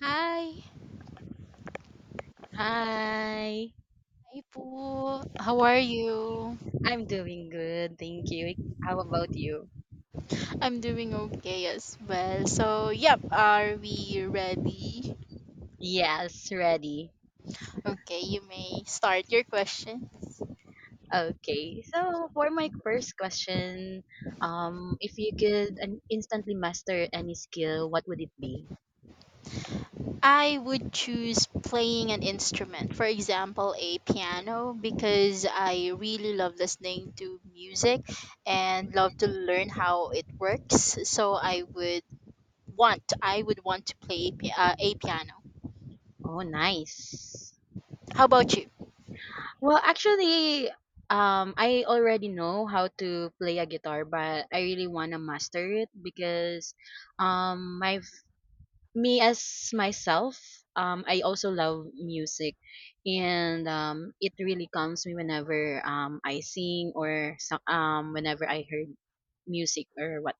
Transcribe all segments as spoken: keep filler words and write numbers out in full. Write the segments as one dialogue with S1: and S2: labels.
S1: Hi,
S2: Hi.
S1: hi Poo. How are you?
S2: I'm doing good. Thank you. How about you?
S1: I'm doing okay as well. So, yep, are we ready?
S2: Yes, ready.
S1: Okay, you may start your questions.
S2: Okay. So, for my first question, um, if you could an- instantly master any skill, what would it be?
S1: I would choose playing an instrument, for example, a piano, because I really love listening to music and love to learn how it works. So, I would want I would want to play pi- uh, a piano.
S2: Oh, nice.
S1: How about you?
S2: Well, actually, um, I already know how to play a guitar, but I really want to master it because um, my me as myself, um, I also love music, and um, it really calms me whenever um I sing or so, um whenever I heard music or what.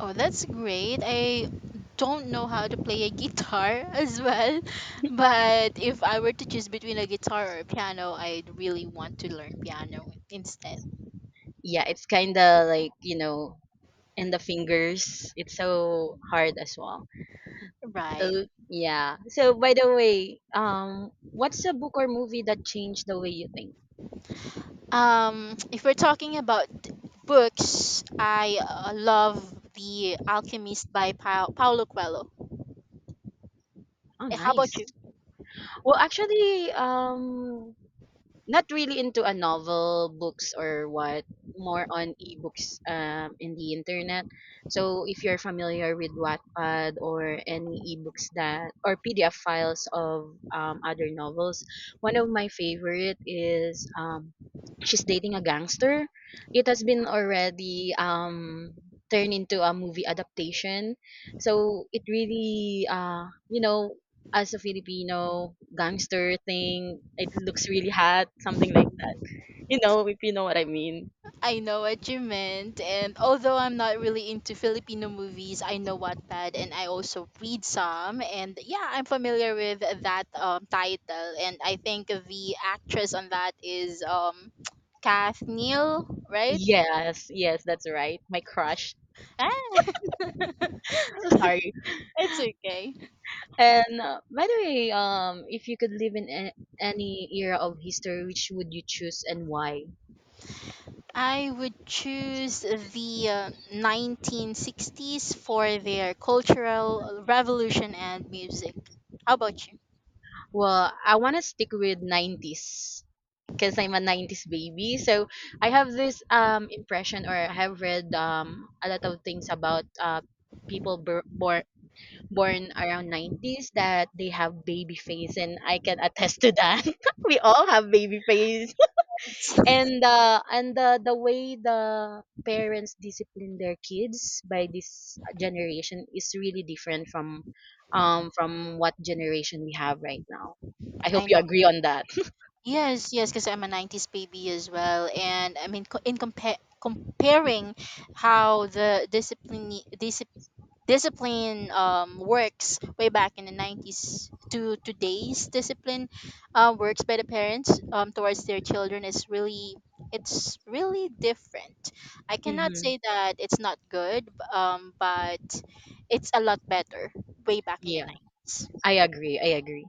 S1: Oh, that's great. I don't know how to play a guitar as well, but if I were to choose between a guitar or a piano, I'd really want to learn piano instead.
S2: Yeah, it's kind of like you know, and the fingers. It's so hard as well.
S1: Right.
S2: So yeah. So by the way, um, what's a book or movie that changed the way you think?
S1: Um, if we're talking about books, I uh, love The Alchemist by pa- Paulo Coelho.
S2: Oh,
S1: Eh, How about
S2: nice.
S1: you?
S2: Well, actually, um, not really into a novel books or what, more on ebooks, um, in the internet. So if you're familiar with wattpad or any ebooks that, or pdf files of um, other novels, one of my favorite is um, she's dating a gangster. It has been already um, turned into a movie adaptation. So it really, uh, you know, as a Filipino gangster thing. It looks really hot, something like that. You know, if you know what I mean.
S1: I know what you meant, and although I'm not really into Filipino movies, I know Wattpad and I also read some, and yeah, I'm familiar with that um, title, and I think the actress on that is um, Kath Neal, right?
S2: Yes, yes, that's right. My crush.
S1: Ah,
S2: So sorry.
S1: it's okay.
S2: And uh, by the way, um, if you could live in a- any era of history, which would you choose and why?
S1: I would choose the uh, nineteen sixties for their cultural revolution and music. How about you?
S2: Well, I want to stick with nineties because I'm a nineties baby. So I have this um impression, or I have read um a lot of things about uh people bor- born born around nineties that they have baby face, and I can attest to that. We all have baby face.
S1: Yes.
S2: And uh and the the way the parents discipline their kids by this generation is really different from um from what generation we have right now. I hope
S1: I
S2: you
S1: know.
S2: agree on that.
S1: Yes, yes, because I'm a nineties baby as well. And I mean, co- in compare comparing how the discipline, dis- discipline um, works way back in the nineties to today's discipline uh, works by the parents um, towards their children is really, it's really different. I cannot
S2: Hmm.
S1: say that it's not good, b- um, but it's a lot better way back in the
S2: Yeah,
S1: nineties.
S2: I agree. I agree.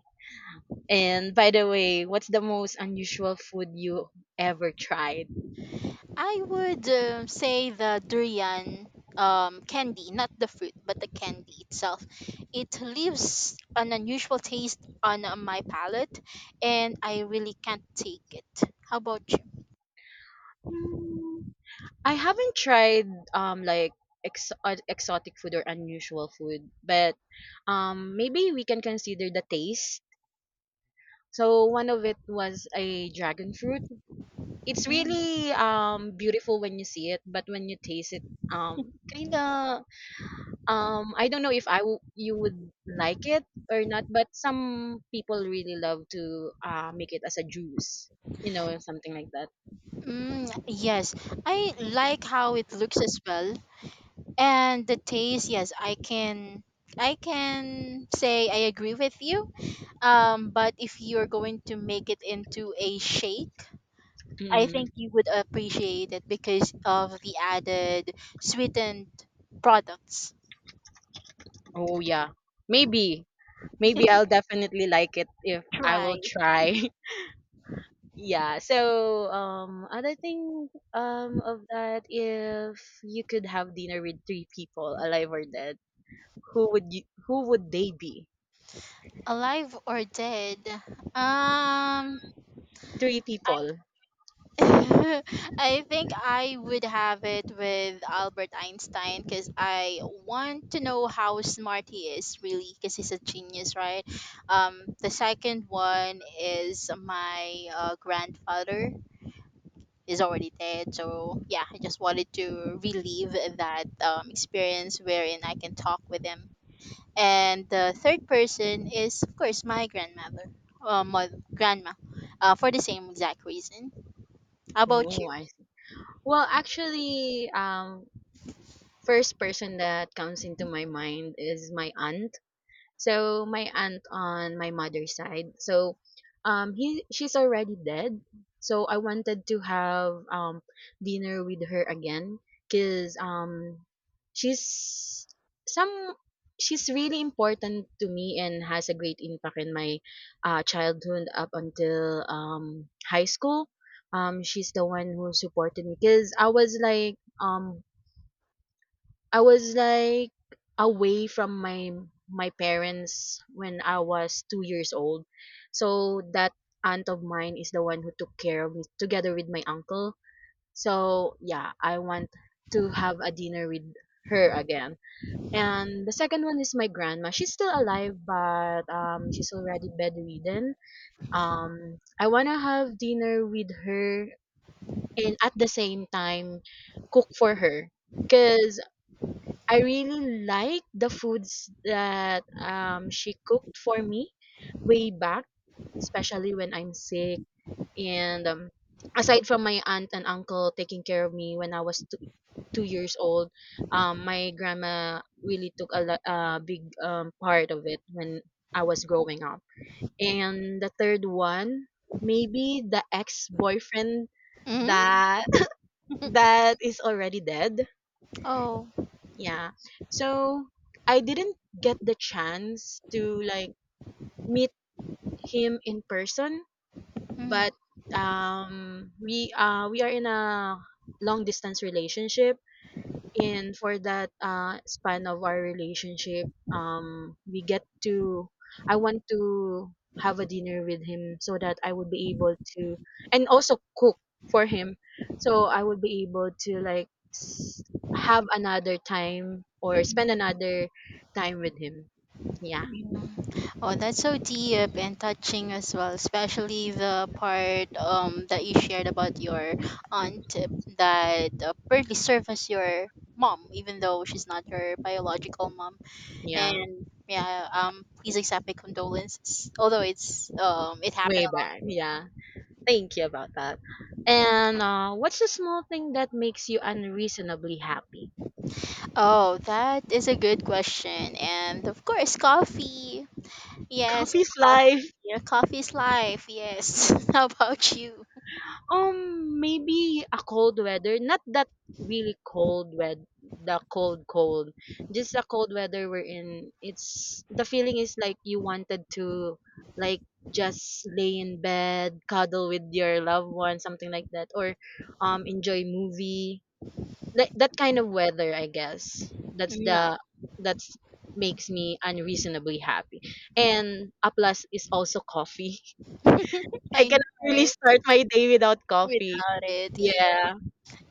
S2: And by the way, what's the most unusual food you ever tried?
S1: I would um say the durian um, candy, not the fruit, but the candy itself. It leaves an unusual taste on uh, my palate, and I really can't take it. How about you?
S2: I haven't tried um like ex- uh, exotic food or unusual food, but um maybe we can consider the taste. So one of it was a dragon fruit. It's
S1: Mm.
S2: really um beautiful when you see it, but when you taste it, um kind of, um I don't know if I w- you would like it or not, but some people really love to uh make it as a juice, you know, something like that.
S1: Mm, yes, I like how it looks as well, and the taste. Yes, I can, I can say I agree with you. Um, but if you're going to make it into a shake, I
S2: Mm.
S1: think you would appreciate it because of the added sweetened products.
S2: Oh yeah. Maybe, maybe I'll definitely like it if I will
S1: Try
S2: try. Yeah. So um other thing um of that, if you could have dinner with three people, alive or dead, who would you who would they be?
S1: alive or dead. Um,
S2: Three
S1: I
S2: people.
S1: I think I would have it with Albert Einstein because I want to know how smart he is really because he's a genius, right? Um, the second one is my uh, grandfather is already dead. So yeah, I just wanted to relive that um, experience wherein I can talk with him. And the third person is of course my grandmother, uh, my grandma, uh, for the same exact reason. How about
S2: Oh,
S1: you?
S2: I see. Well, actually, um, first person that comes into my mind is my aunt. So my aunt on my mother's side. So um he she's already dead. So I wanted to have um dinner with her again, cuz um she's some she's really important to me and has a great impact in my uh, childhood up until um high school. Um she's the one who supported me, cuz I was like, um I was like away from my my parents when I was two years old. So that aunt of mine is the one who took care of me together with my uncle. So yeah, I want to have a dinner with her again. And the second one is my grandma. She's still alive, but um she's already bedridden. Um I wanna have dinner with her and at the same time cook for her. Cause I really like the foods that um, she cooked for me way back, especially when I'm sick. And um, aside from my aunt and uncle taking care of me when I was two, two years old, um, my grandma really took a, lo- a big um, part of it when I was growing up. And the third one, maybe the ex boyfriend
S1: Hmm.
S2: that that is already dead.
S1: Oh.
S2: Yeah. So I didn't get the chance to like meet him in person,
S1: Mm.
S2: but um we uh we are in a long distance relationship, and for that uh, span of our relationship um we get to I want to have a dinner with him, so that I would be able to, and also cook for him, so I would be able to like, s- have another time or spend another time with him. Yeah.
S1: Oh, that's so deep and touching as well, especially the part um that you shared about your aunt that uh, barely served as your mom, even though she's not your biological mom.
S2: Yeah,
S1: And yeah, um, please accept my condolences. Although it's um, it happened
S2: way
S1: a
S2: back. Yeah, thank you about that. And uh, what's the small thing that makes you unreasonably happy?
S1: lot. Oh, that is a good question, and of course, coffee. Yes,
S2: Coffee's
S1: coffee.
S2: life.
S1: Your coffee is life. Yes. How about you?
S2: Um, maybe a cold weather, not that really cold, wed the cold cold. Just a cold weather we're in. It's the feeling is like you wanted to like just lay in bed, cuddle with your loved one, something like that, or um enjoy movie. Like that kind of weather, I guess. That's
S1: No.
S2: the that's makes me unreasonably happy. And a plus is also coffee. I
S1: I know,
S2: cannot really
S1: right?
S2: start my day without coffee.
S1: Without it, yeah.
S2: Yeah.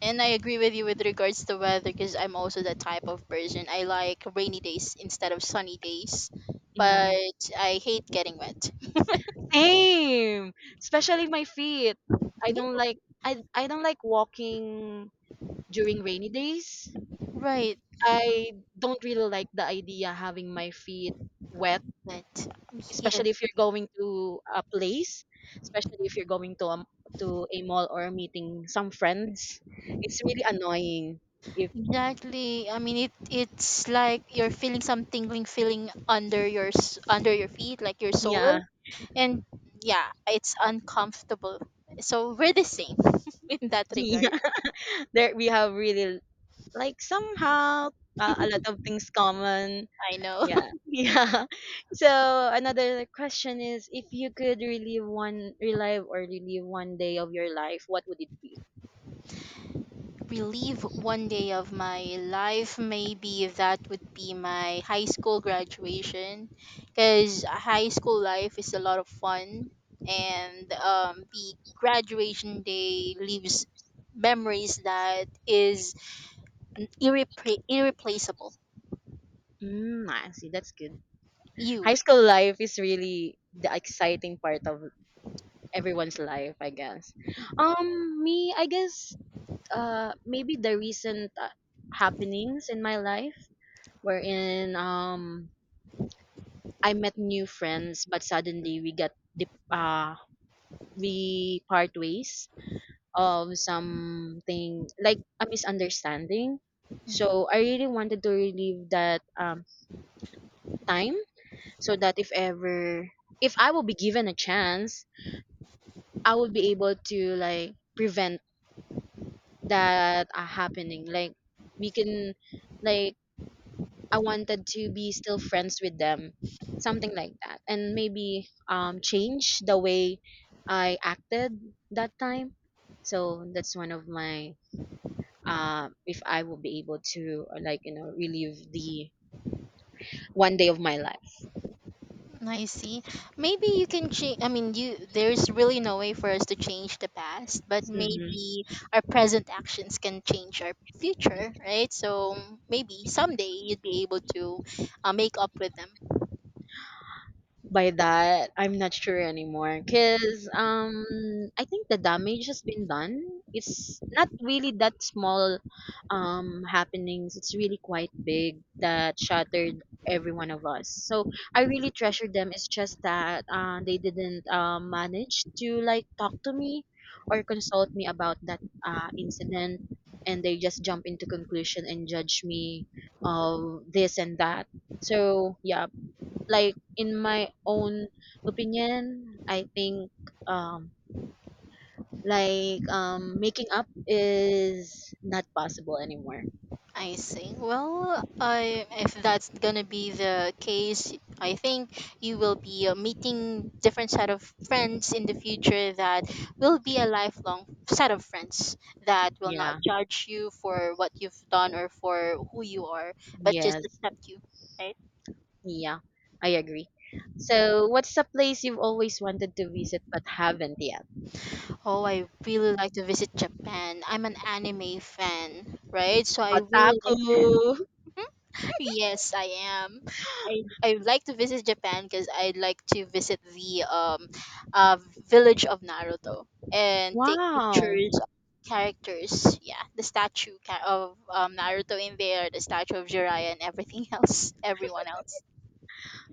S1: And I agree with you with regards to weather because I'm also that type of person. I like rainy days instead of sunny days,
S2: Mhm.
S1: but I hate getting wet.
S2: Same. Especially my feet. I
S1: Yeah,
S2: don't like I I don't like walking during rainy days.
S1: right.
S2: I don't really like the idea having my feet wet,
S1: But yeah,
S2: especially if you're going to a place, especially if you're going to a, m- to a mall or meeting some friends. It's really annoying. If
S1: exactly. I mean, it it's like you're feeling some tingling feeling under your s- under your feet, like your
S2: yeah,
S1: soul, and yeah, it's uncomfortable. So we're the same in that regard.
S2: yeah, there we have really like somehow uh, a lot of things common.
S1: I know.
S2: Yeah. Yeah. So another question is, if you could relive one relive or relive one day of your life, what would it be?
S1: Relieve one day of my life, maybe that would be my high school graduation, because high school life is a lot of fun, and um, the graduation day leaves memories that is n- irrepla- irreplaceable.
S2: Mm, I see, that's good.
S1: You.
S2: High school life is really the exciting part of everyone's life, I guess. Um me, I guess, uh maybe the recent uh, happenings in my life, wherein um I met new friends, but suddenly we got dip- uh we part ways of something like a misunderstanding. So I really wanted to relive that um, time, so that if ever, if I will be given a chance, I will be able to like prevent that uh, happening. Like we can like, I wanted to be still friends with them, something like that, and maybe um change the way I acted that time. So that's one of my um, if I will be able to uh, like you know relive the one day of my life.
S1: I see. Maybe you can change, I mean, you there's really no way for us to change the past, but maybe our present actions can change our future, right? So maybe someday you'd be able to uh, make up with them.
S2: By that, I'm not sure anymore, because um I think the damage has been done. It's not really that small um happenings. It's really quite big, that shattered every one of us. So I really treasure them. It's just that uh, they didn't um manage to like talk to me or consult me about that uh, incident, and they just jump into conclusion and judge me of this and that. So yeah, like in my own opinion, I think um like um making up is not possible anymore.
S1: I see. Well, I if that's gonna be the case, I think you will be uh, meeting different set of friends in the future that will be a lifelong set of friends that will not
S2: Yeah.
S1: judge you for what you've done or for who you are, but just
S2: Yes.
S1: accept you, right?
S2: Yeah. I agree. So, what's a place you've always wanted to visit but haven't yet?
S1: Oh, I really like to visit Japan. I'm an anime fan, right? So I really
S2: Otaku.
S1: like. Yes, I am. I I would like to visit Japan because I'd like to visit the um uh village of Naruto and take
S2: Wow.
S1: pictures of characters. Yeah, the statue ca- of um Naruto in there, the statue of Jiraiya and everything else, everyone else.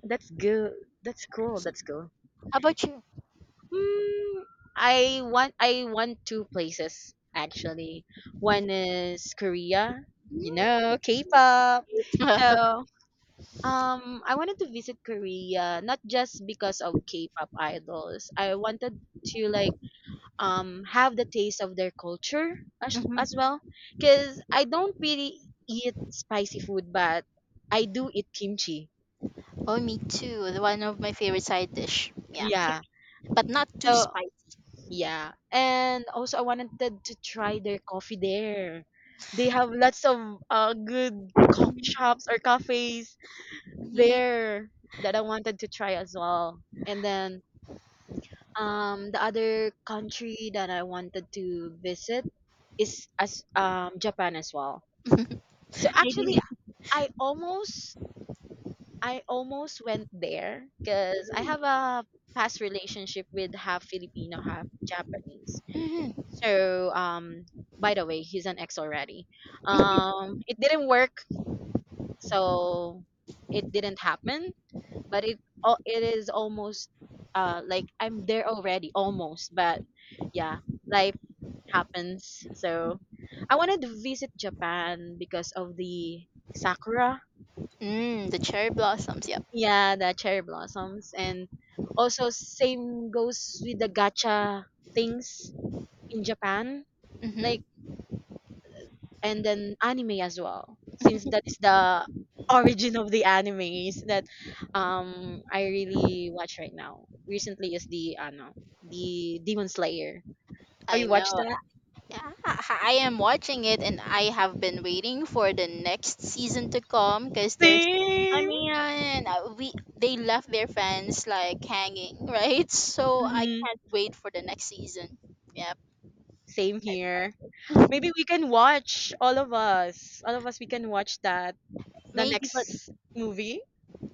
S2: That's good. That's cool. That's cool.
S1: How about you?
S2: Mm, I want I want two places, actually. One is Korea, you know, K-pop. So, um, I wanted to visit Korea not just because of K-pop idols. I wanted to like um have the taste of their culture as, as
S1: Mm-hmm.
S2: well, because I don't really eat spicy food, but I do eat kimchi.
S1: Oh, me too. The One of my favorite side dish. Yeah,
S2: Yeah.
S1: kimchi, but not too
S2: So
S1: spicy.
S2: yeah. And also I wanted to try their coffee there. They have lots of uh, good coffee shops or cafes
S1: Yeah.
S2: there that I wanted to try as well. And then um the other country that I wanted to visit is as um Japan as well. So actually
S1: Maybe.
S2: I almost I almost went there because I have a past relationship with half Filipino, half Japanese.
S1: Hmm.
S2: So um, by the way, he's an ex already. Um, it didn't work, so it didn't happen. But it, al- it is almost, uh like I'm there already, almost. But yeah, life happens. So I wanted to visit Japan because of the sakura.
S1: Mm, the cherry blossoms. Yep.
S2: Yeah, the cherry blossoms, and also same goes with the gacha things in Japan. Like,
S1: Hmm.
S2: and then anime as well, since that is the origin of the animes that um I really watch right now recently is the ano the Demon Slayer. Have
S1: I
S2: you
S1: know.
S2: watched that?
S1: Yeah, I am watching it and I have been waiting for the next season to come because there's I
S2: Same.
S1: mean, uh, we they left their fans like hanging, right? So I
S2: Mm-hmm.
S1: can't wait for the next season. Yep.
S2: Same here. Maybe we can watch, all of us all of us we can watch that, the
S1: Maybe, but
S2: next movie.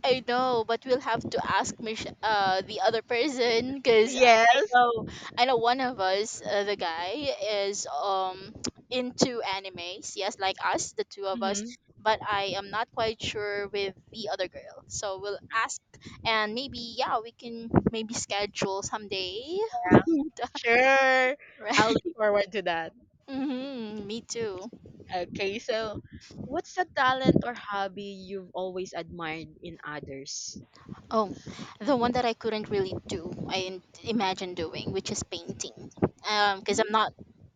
S1: I know, but we'll have to ask Mich- uh, the other person because I
S2: Yes.
S1: know I know one of us, uh, the guy, is um into animes. Yes, like us, the two of us.
S2: mm-hmm.
S1: But I am not quite sure with the other girl, so we'll ask and maybe yeah, we can maybe schedule someday.
S2: Yeah. Sure.
S1: Right.
S2: I'll look forward to that.
S1: Hmm. Me too.
S2: Okay, so what's a talent or hobby you've always admired in others?
S1: Oh, the one that I couldn't really do, I didn't imagine doing, which is painting. Um, because
S2: Hmm?
S1: I'm not,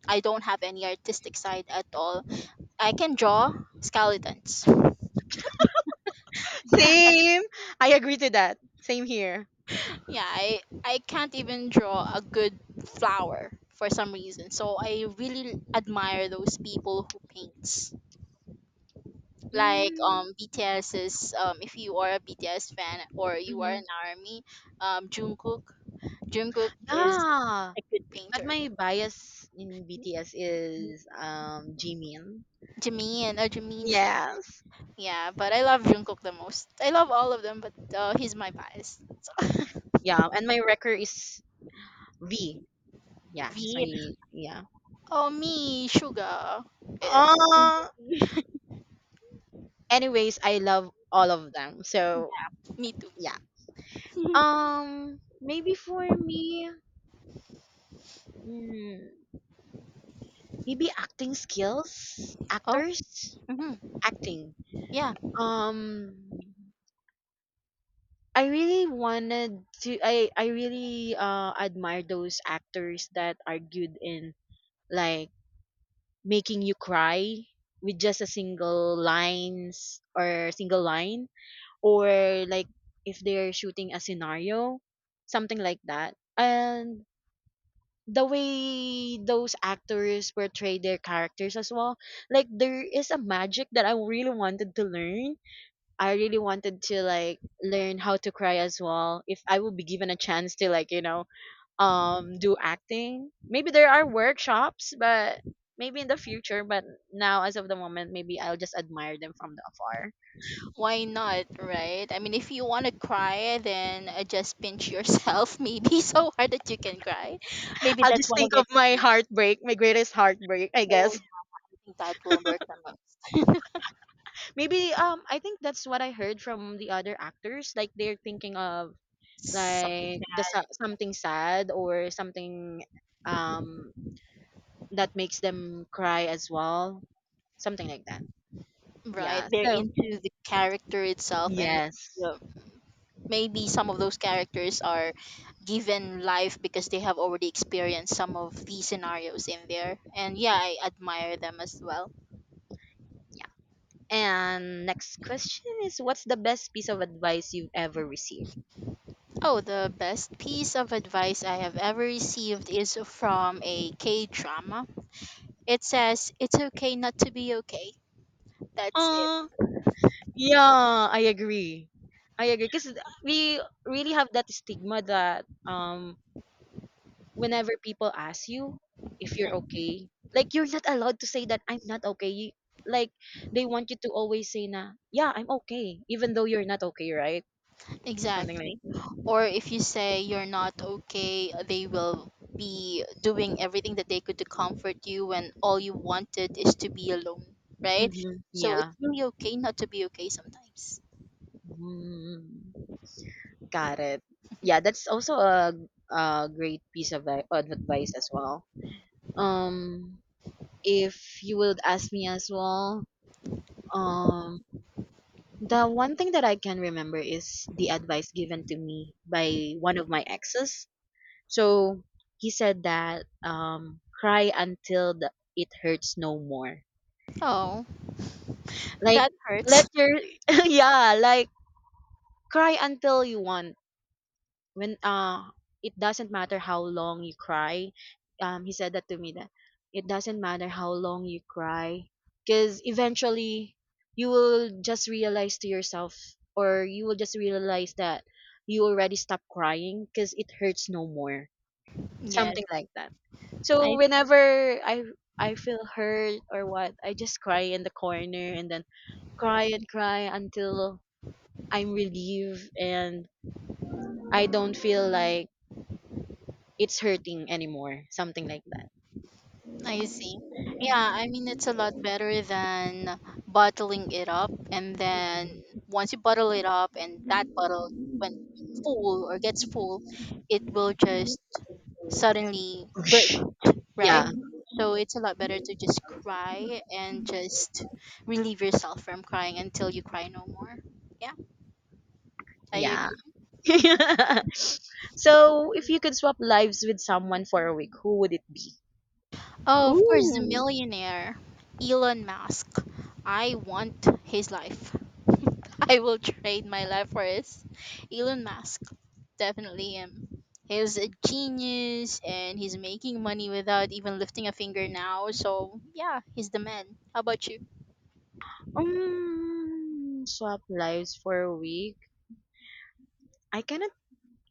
S1: I don't have any artistic side at all. I can draw skeletons.
S2: Same. I agree to that. Same here.
S1: Yeah, I I can't even draw a good flower for some reason. So I really admire those people who paints. Like
S2: Mm,
S1: um BTS's um if you are a B T S fan or you are
S2: hmm.
S1: an army, um Jungkook. Jungkook is
S2: Yeah.
S1: a good
S2: But
S1: painter.
S2: my bias in B T S is um Jimin.
S1: Jimin, or Jiminchi.
S2: Yes.
S1: Yeah, but I love Jungkook the most. I love all of them, but uh, he's my bias.
S2: Yeah, and my record is V. Yeah, he's
S1: V.
S2: my, yeah.
S1: Oh, me, Suga. It's
S2: Uh Anyways, I love all of them. So,
S1: me too.
S2: yeah. Um maybe for me, mm, maybe acting skills,
S1: Oh,
S2: actors,
S1: hmm,
S2: acting.
S1: yeah.
S2: Um, I really wanted to. I I really uh admire those actors that are good in like making you cry with just a single lines or single line, or like if they're shooting a scenario, something like that. And the way those actors portray their characters as well, like there is a magic that I really wanted to learn. I really wanted to like learn how to cry as well if I will be given a chance to like you know um do acting. Maybe there are workshops, but maybe in the future. But now as of the moment, maybe I'll just admire them from the afar.
S1: Why not, right? I mean, if you want to cry, then uh, just pinch yourself, maybe so hard that you can cry. Maybe
S2: I'll
S1: that's
S2: just
S1: one of
S2: think
S1: their
S2: of my
S1: techniques.
S2: heartbreak, my greatest heartbreak I
S1: So
S2: guess.
S1: I think that will work them out.
S2: Maybe um I think that's what I heard from the other actors, like they're thinking of
S1: Something,
S2: like the sa- something sad or something um that makes them cry as well, something like that.
S1: right?
S2: Yeah,
S1: They're
S2: so
S1: into the character itself and
S2: yes.
S1: yeah, maybe some of those characters are given life because they have already experienced some of these scenarios in there, and yeah, I admire them as well.
S2: Yeah. And next question is, what's the best piece of advice you've ever received?
S1: Oh, the best piece of advice I have ever received is from a K drama. It says it's okay not to be okay. That's it.
S2: uh yeah, I agree. I agree because we really have that stigma that um whenever people ask you if you're okay, like you're not allowed to say that I'm not okay. You, like they want you to always say na, yeah, I'm okay, even though you're not okay, right? Something like
S1: Exactly.
S2: that.
S1: Or if you say you're not okay, they will be doing everything that they could to comfort you when all you wanted is to be alone, right?
S2: Mm-hmm.
S1: So it's
S2: Yeah.
S1: really okay not to be okay sometimes.
S2: Mm, got it. Yeah, that's also a, a great piece of, ad- of advice as well. Um, if you would ask me as well, um, the one thing that I can remember is the advice given to me by one of my exes. So he said that um cry until the, it hurts no more.
S1: Oh,
S2: Like
S1: that
S2: let
S1: hurts.
S2: your yeah, like cry until you want. When uh it doesn't matter how long you cry. Um he said that to me that it doesn't matter how long you cry, cuz eventually you will just realize to yourself, or you will just realize that you already stop crying cuz it hurts no more,
S1: Yes,
S2: something like that. So
S1: I
S2: whenever I I feel hurt or what, I just cry in the corner and then cry and cry until I'm relieved and I don't feel like it's hurting anymore, something like that.
S1: I see. Yeah, I mean it's a lot better than bottling it up, and then once you bottle it up and that bottle when full or gets full, it will just suddenly bur-
S2: Whoosh.
S1: right?
S2: Yeah,
S1: So it's a lot better to just cry and just relieve yourself from crying until you cry no more. Yeah, I
S2: yeah.
S1: agree.
S2: So if you could swap lives with someone for a week, who would it be?
S1: Oh, of course, the
S2: Ooh.
S1: millionaire, Elon Musk. I want his life. I will trade my life for his. Elon Musk, definitely him. He's a genius and he's making money without even lifting a finger now. So, yeah, he's the man. How about you?
S2: Um, swap lives for a week. I cannot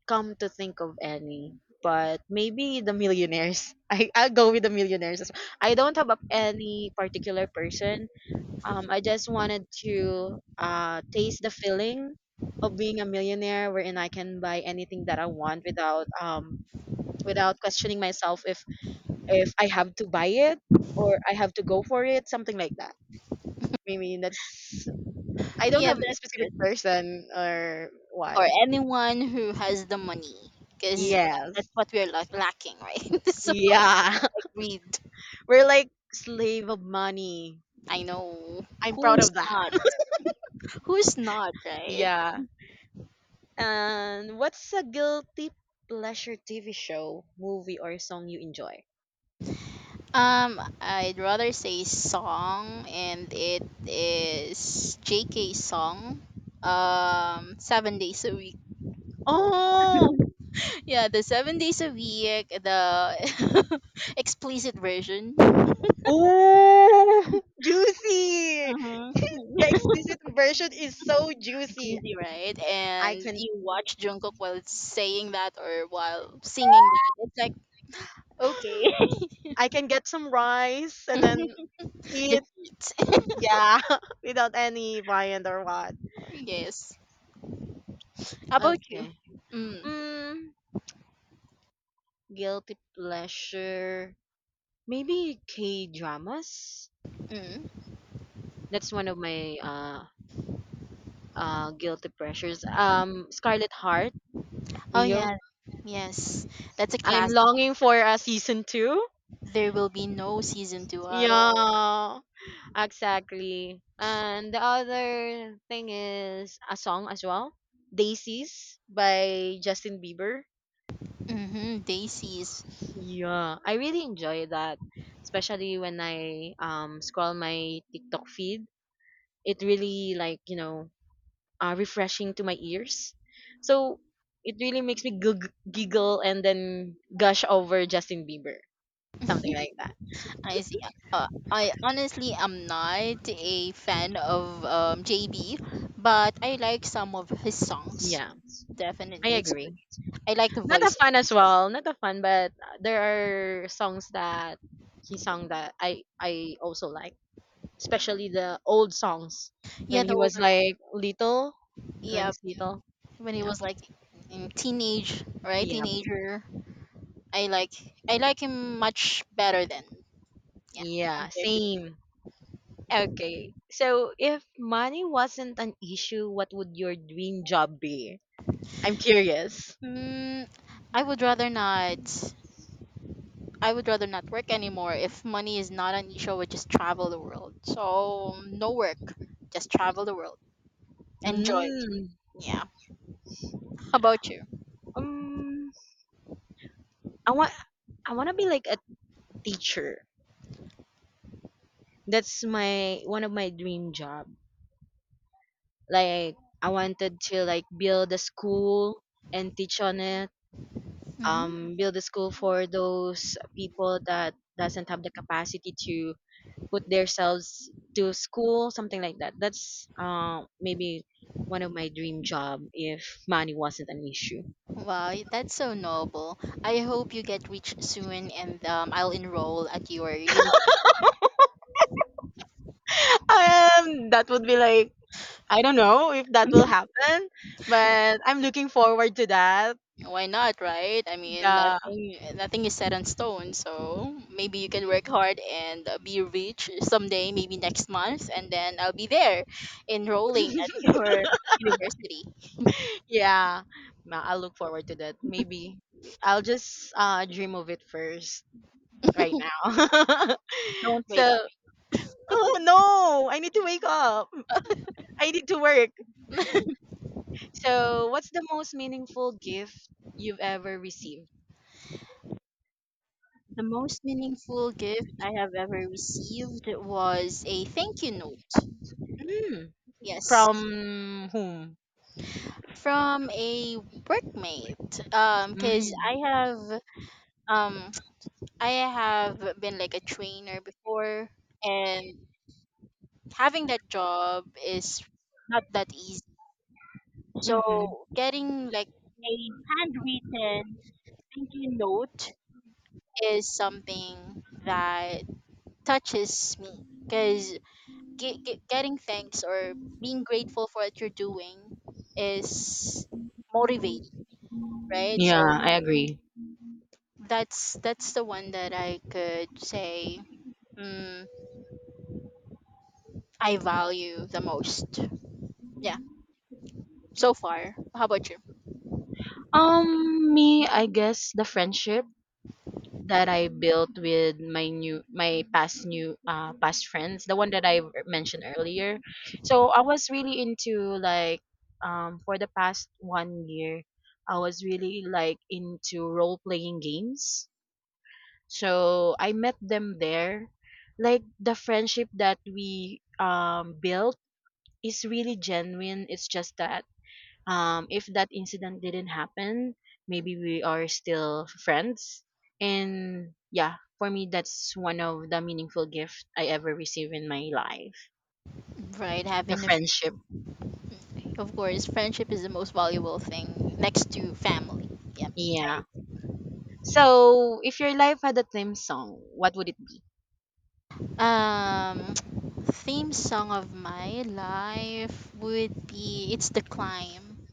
S2: come to think of any, but maybe the millionaires. I I'll go with the millionaires as well. I don't have a, any particular person. Um, I just wanted to uh taste the feeling of being a millionaire, wherein I can buy anything that I want without um without questioning myself if if I have to buy it, or I have to go for it, something like that. I mean, that's I don't
S1: Yeah,
S2: have a
S1: that's
S2: specific
S1: good.
S2: person or what.
S1: Or anyone who has the money, because yeah, that's
S2: Yes.
S1: what we're like lacking, right? So
S2: Yeah.
S1: like read,
S2: We're like slave of money.
S1: I know,
S2: I'm proud
S1: who's
S2: of that.
S1: not who's not right?
S2: Yeah. And what's a guilty pleasure T V show, movie, or song you enjoy?
S1: um I'd rather say song, and it is J K song, um seven days a week.
S2: Oh,
S1: Yeah, the seven days a week, the explicit version.
S2: oh, juicy!
S1: Uh-huh.
S2: The explicit version is so juicy.
S1: Crazy, right?
S2: I
S1: And
S2: can,
S1: you watch Jungkook while saying that or while singing that. It's like, okay.
S2: I can get some rice and then eat.
S1: Just eat.
S2: Yeah, without any viand or what.
S1: Yes. How about you?
S2: Okay.
S1: Mm.
S2: Mm, guilty pleasure. Maybe K dramas.
S1: Mm.
S2: That's one of my uh uh guilty pressures. Um Scarlet Heart,
S1: Oh,
S2: Rio.
S1: yeah. Yes. That's a
S2: I'm
S1: classic.
S2: longing for a season two.
S1: There will be no season two at all.
S2: Yeah, exactly. And the other thing is a song as well, Daisies by Justin Bieber.
S1: Mm-hmm. Daisies.
S2: Yeah, I really enjoy that, especially when I um scroll my TikTok feed. It really like, you know, uh, refreshing to my ears. So it really makes me gug- giggle and then gush over Justin Bieber, something like that.
S1: I see. Uh, I honestly am not a fan of um, J B, but I like some of his songs.
S2: Yeah, I
S1: Definitely, it's
S2: agree.
S1: good. I like the
S2: Not a
S1: voice.
S2: fun as well, not a fun, but uh, there are songs that he sung that I I also like, especially the old songs when
S1: Yeah, the
S2: he
S1: old,
S2: was like little, when
S1: yeah,
S2: he's little.
S1: when he
S2: Yeah,
S1: was like in teenage, right,
S2: yeah,
S1: teenager. i like I like him much better than, yeah,
S2: yeah,
S1: compared to.
S2: same. Okay. So, if money wasn't an issue, what would your dream job be? I'm curious.
S1: Mm, i would rather not i would rather not work anymore. If money is not an issue, I would just travel the world. So no work, just travel the world, enjoy.
S2: Mm.
S1: Yeah, how about you?
S2: Um, I want I want to be like a teacher. That's my one of my dream job. Like I wanted to like build a school and teach on it.
S1: Hmm.
S2: Um build a school for those people that doesn't have the capacity to put themselves to school, something like that. That's uh, maybe one of my dream job if money wasn't an issue.
S1: Wow, that's so noble. I hope you get rich soon, and um, I'll enroll at your university.
S2: um that would be like I don't know if that will happen, but I'm looking forward to that.
S1: Why not, right? I mean,
S2: Yeah.
S1: nothing nothing is set in stone. So maybe you can work hard and uh, be rich someday, maybe next month, and then I'll be there enrolling at your university.
S2: Yeah. Ma- I'll look forward to that. Maybe I'll just uh dream of it first right now.
S1: Don't
S2: So,
S1: wake up.
S2: oh no, I need to wake up. I need to work. So, what's the most meaningful gift you've ever received?
S1: The most meaningful gift I have ever received was a thank you note.
S2: Mm.
S1: Yes,
S2: From whom?
S1: from a workmate. Um,
S2: Mm.
S1: cause
S2: Hmm.
S1: I have um I have been like a trainer before, and having that job is not that easy.
S2: Mm-hmm.
S1: So getting like a handwritten thank you note is something that touches me because ge- ge- getting thanks or being grateful for what you're doing is motivating, right?
S2: Yeah,
S1: So
S2: I agree.
S1: that's that's the one that I could say, mm, I value the most. Yeah, so far. How about you?
S2: Um, me, I guess the friendship that I built with my new my past new uh past friends, the one that I mentioned earlier. So I was really into like um for the past one year, I was really like into role playing games. So I met them there. Like the friendship that we um built is really genuine. It's just that um, if that incident didn't happen, maybe we are still friends. And yeah, for me, that's one of the meaningful gift I ever received in my life.
S1: Right,
S2: The
S1: having a.
S2: friendship.
S1: Of course, friendship is the most valuable thing next to family. Yep.
S2: Yeah. So, if your life had a theme song, what would it be?
S1: Um, Theme song of my life would be "It's the Climb"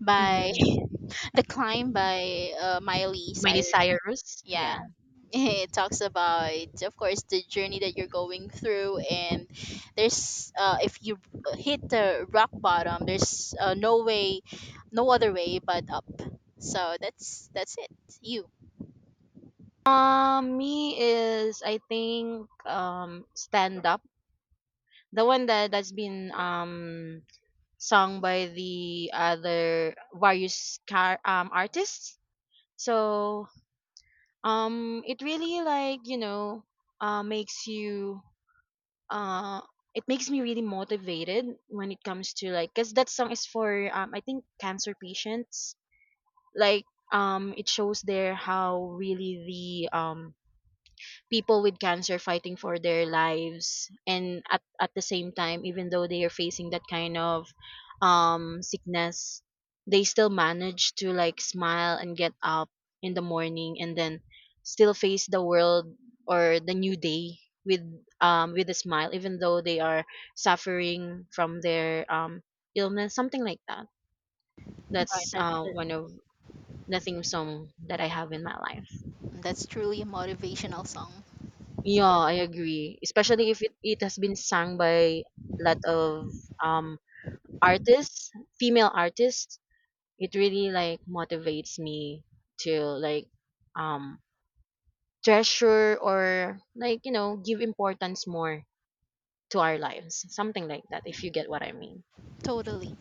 S1: by
S2: Mm-hmm.
S1: "The Climb" by uh, Miley
S2: Miley
S1: Cyrus.
S2: Cyrus.
S1: Yeah,
S2: Yeah.
S1: it talks about, of course, the journey that you're going through, and there's uh, if you hit the rock bottom, there's uh, no way, no other way but up. So that's that's it. You.
S2: Um, me is I think um stand up. The one that that's been um sung by the other various car um artists. So um, it really like you know uh, makes you uh, it makes me really motivated when it comes to like because that song is for um, I think cancer patients, like um it shows there how really the um people with cancer fighting for their lives, and at, at the same time, even though they are facing that kind of um sickness, they still manage to like smile and get up in the morning, and then still face the world or the new day with um with a smile, even though they are suffering from their um illness, something like that.
S1: Right.
S2: That's
S1: That's
S2: uh,
S1: it.
S2: one of the theme song that I have in my life.
S1: That's truly a motivational song.
S2: Yeah, I agree. Especially if it, it has been sung by a lot of um artists, female artists. It really like motivates me to like um treasure or like, you know, give importance more to our lives. Something like that, if you get what I mean.
S1: Totally.